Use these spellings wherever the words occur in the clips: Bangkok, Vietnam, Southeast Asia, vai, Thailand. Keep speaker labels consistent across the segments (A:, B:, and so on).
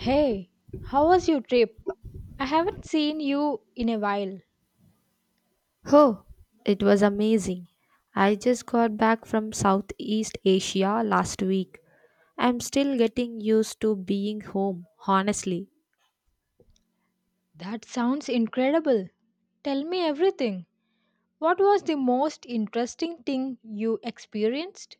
A: Hey, how was your trip? I haven't seen you in a while.
B: Oh, it was amazing. I just got back from Southeast Asia last week. I'm still getting used to being home, honestly.
A: That sounds incredible. Tell me everything. What was the most interesting thing you experienced?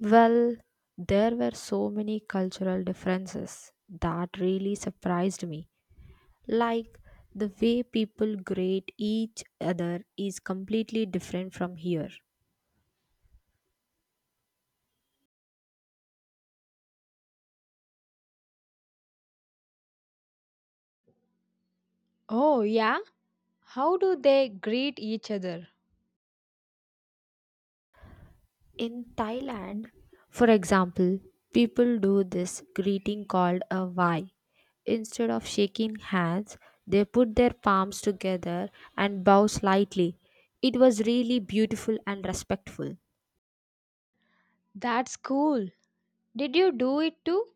B: Well, there were so many cultural differences that really surprised me. Like the way people greet each other is completely different from here.
A: Oh, yeah? How do they greet each other?
B: In Thailand, for example, people do this greeting called a vai. Instead of shaking hands, they put their palms together and bow slightly. It was really beautiful and respectful.
A: That's cool. Did you do it too?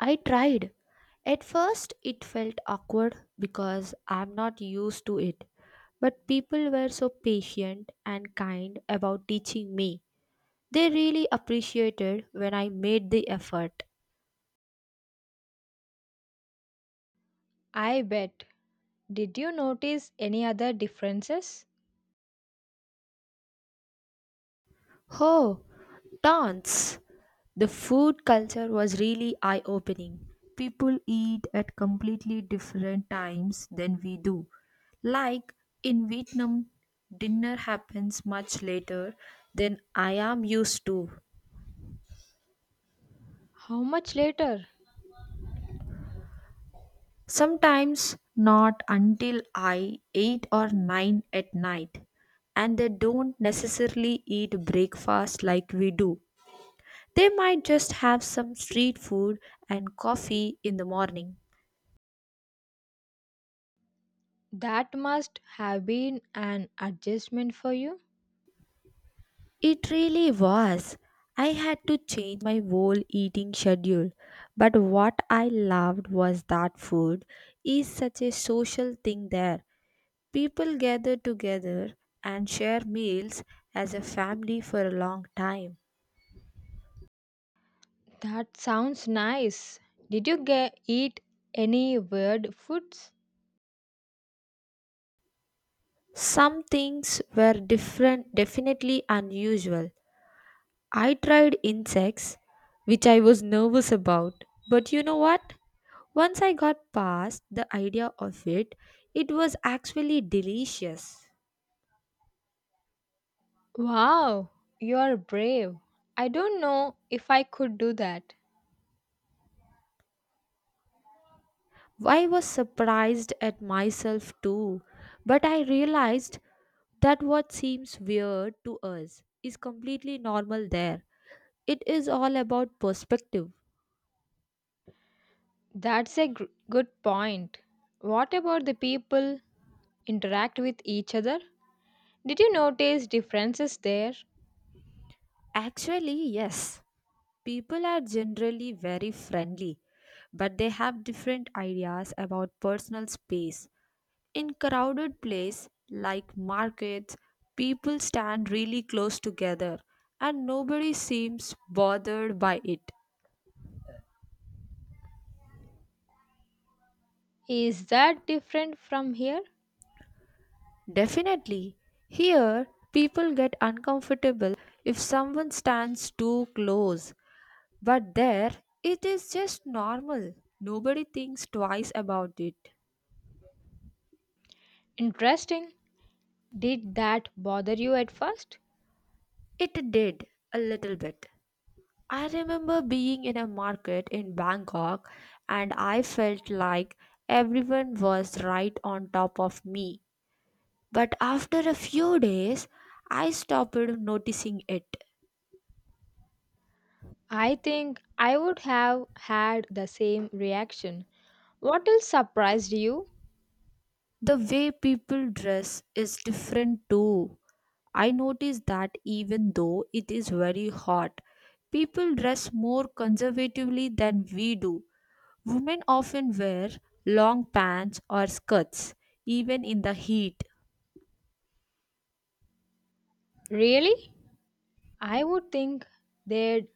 B: I tried. At first, it felt awkward because I'm not used to it. But people were so patient and kind about teaching me. They really appreciated when I made the effort.
A: I bet. Did you notice any other differences?
B: Oh, dance! The food culture was really eye opening. People eat at completely different times than we do. Like in Vietnam, dinner happens much later than I am used to.
A: How much later?
B: Sometimes not until I 8 or 9 at night. And they don't necessarily eat breakfast like we do. They might just have some street food and coffee in the morning.
A: That must have been an adjustment for you.
B: It really was. I had to change my whole eating schedule. But what I loved was that food is such a social thing there. People gather together and share meals as a family for a long time.
A: That sounds nice. Did you get eat any weird foods?
B: Some things were different, definitely unusual, I tried insects, which I was nervous about, but you know what? Once I got past the idea of it, it was actually delicious.
A: Wow, you are brave. I don't know if I could do that.
B: I was surprised at myself too, but I realized that what seems weird to us is completely normal there. It is all about perspective.
A: Good point. What about the people interact with each other? Did you notice differences there?
B: Actually, yes, people are generally very friendly, but they have different ideas about personal space. In crowded place like markets, people stand really close together and nobody seems bothered by it.
A: Is that different from here?
B: Definitely, here people get uncomfortable if someone stands too close, but there it is just normal. Nobody thinks twice about it.
A: Interesting. Did that bother you at first?
B: It did a little bit. I remember being in a market in Bangkok and I felt like everyone was right on top of me. But after a few days, I stopped noticing it.
A: I think I would have had the same reaction. What else surprised you?
B: The way people dress is different too. I noticed that even though it is very hot, people dress more conservatively than we do. Women often wear long pants or skirts, even in the heat.
A: Really? I would think they'd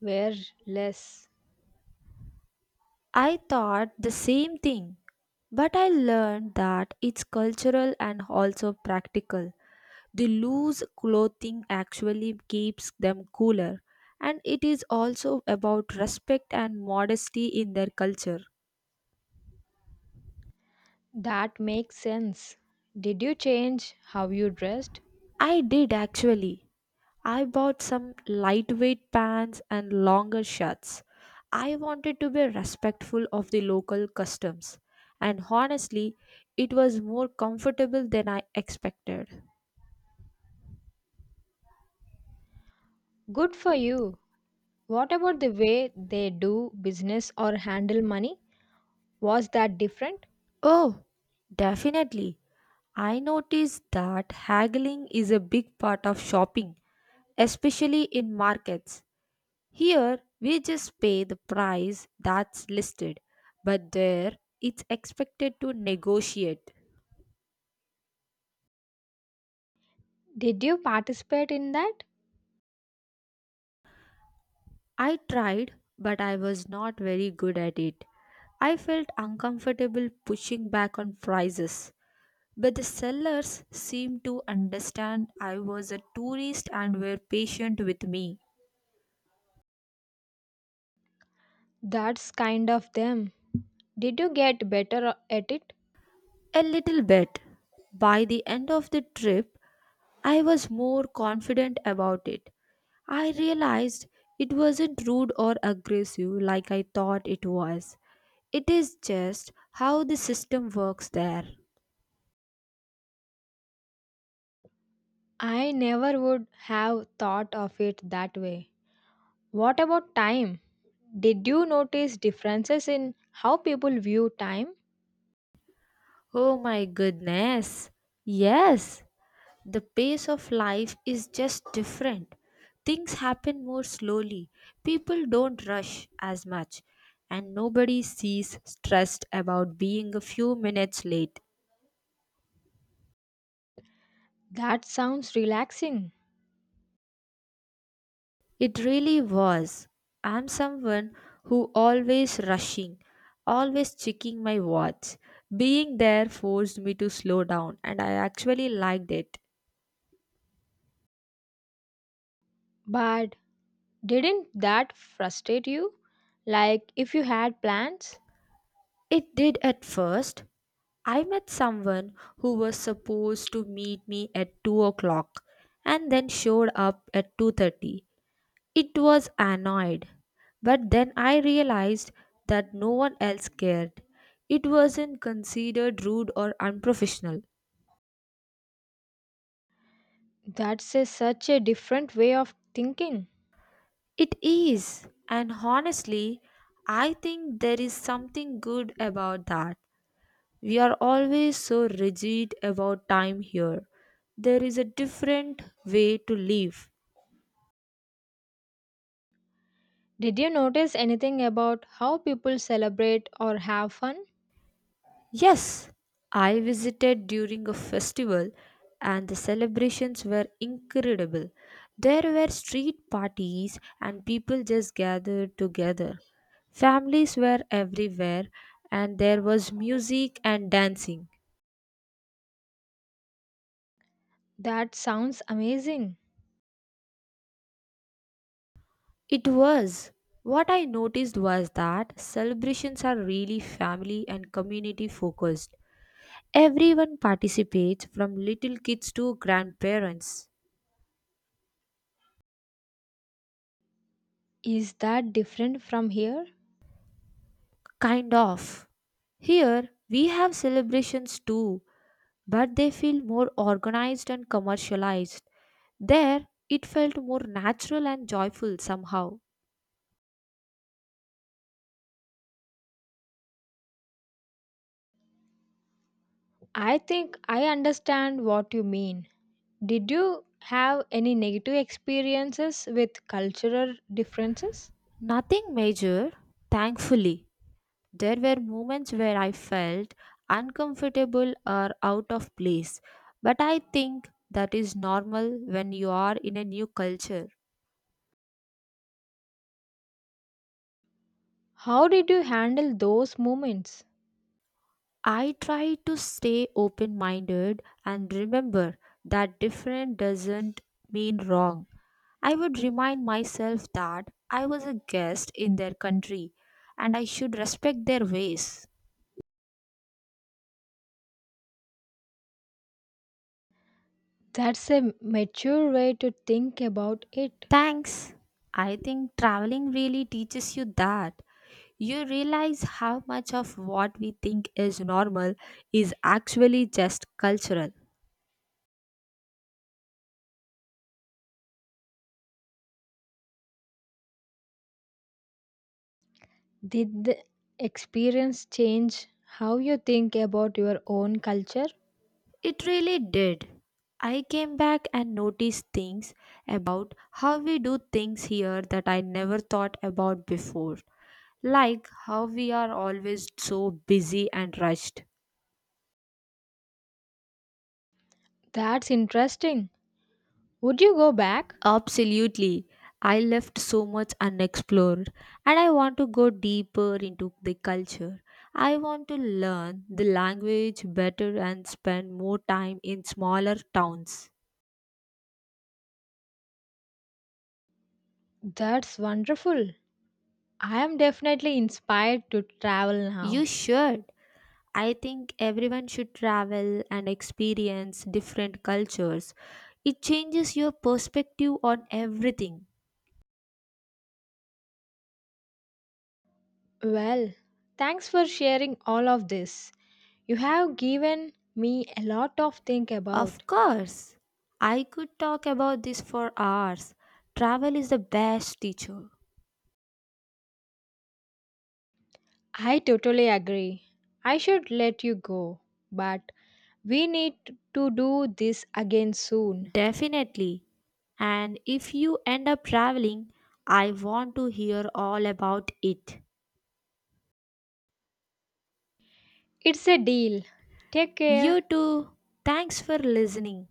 A: wear less.
B: I thought the same thing, but I learned that it's cultural and also practical. The loose clothing actually keeps them cooler, and it is also about respect and modesty in their culture.
A: That makes sense. Did you change how you dressed?
B: I did actually. I bought some lightweight pants and longer shirts. I wanted to be respectful of the local customs, and honestly, it was more comfortable than I expected.
A: Good for you. What about the way they do business or handle money? Was that different?
B: Oh, definitely. I noticed that haggling is a big part of shopping, especially in markets. Here, we just pay the price that's listed, but there, it's expected to negotiate.
A: Did you participate in that?
B: I tried, but I was not very good at it. I felt uncomfortable pushing back on prices, but the sellers seemed to understand I was a tourist and were patient with me.
A: That's kind of them. Did you get better at it?
B: A little bit. By the end of the trip, I was more confident about it. I realized it wasn't rude or aggressive like I thought it was. It is just how the system works there.
A: I never would have thought of it that way. What about time? Did you notice differences in how people view time?
B: Oh my goodness. Yes, the pace of life is just different. Things happen more slowly. People don't rush as much. And nobody sees stressed about being a few minutes late.
A: That sounds relaxing.
B: It really was. I'm someone who always rushing, always checking my watch. Being there forced me to slow down and I actually liked it.
A: But didn't that frustrate you? Like if you had plans?
B: It did at first. I met someone who was supposed to meet me at 2 o'clock and then showed up at 2:30. It was annoyed. But then I realized that no one else cared. It wasn't considered rude or unprofessional.
A: Such a different way of thinking.
B: It is, and honestly, I think there is something good about that. We are always so rigid about time here. There is a different way to live.
A: Did you notice anything about how people celebrate or have fun?
B: Yes, I visited during a festival and the celebrations were incredible. There were street parties and people just gathered together. Families were everywhere and there was music and dancing.
A: That sounds amazing.
B: It was. What I noticed was that celebrations are really family and community focused. Everyone participates from little kids to grandparents.
A: Is that different from here?
B: Kind of. Here, we have celebrations too, but they feel more organized and commercialized. There, it felt more natural and joyful somehow.
A: I think I understand what you mean. Did you have any negative experiences with cultural differences?
B: Nothing major, thankfully. There were moments where I felt uncomfortable or out of place, but I think that is normal when you are in a new culture.
A: How did you handle those moments?
B: I try to stay open minded and remember that different doesn't mean wrong. I would remind myself that I was a guest in their country and I should respect their ways.
A: That's a mature way to think about it.
B: Thanks. I think traveling really teaches you that. You realize how much of what we think is normal is actually just cultural.
A: Did the experience change how you think about your own culture?
B: It really did. I came back and noticed things about how we do things here that I never thought about before. Like how we are always so busy and rushed.
A: That's interesting. Would you go back?
B: Absolutely. I left so much unexplored and I want to go deeper into the culture. I want to learn the language better and spend more time in smaller towns.
A: That's wonderful. I am definitely inspired to travel
B: You
A: now.
B: should. I think everyone should travel and experience different cultures. It changes your perspective on everything.
A: Well, thanks for sharing all of this. You have given me a lot of think about.
B: Of course. I could talk about this for hours. Travel is the best teacher.
A: I totally agree. I should let you go, but we need to do this again soon.
B: Definitely. And if you end up traveling, I want to hear all about it.
A: It's a deal. Take care.
B: You too. Thanks for listening.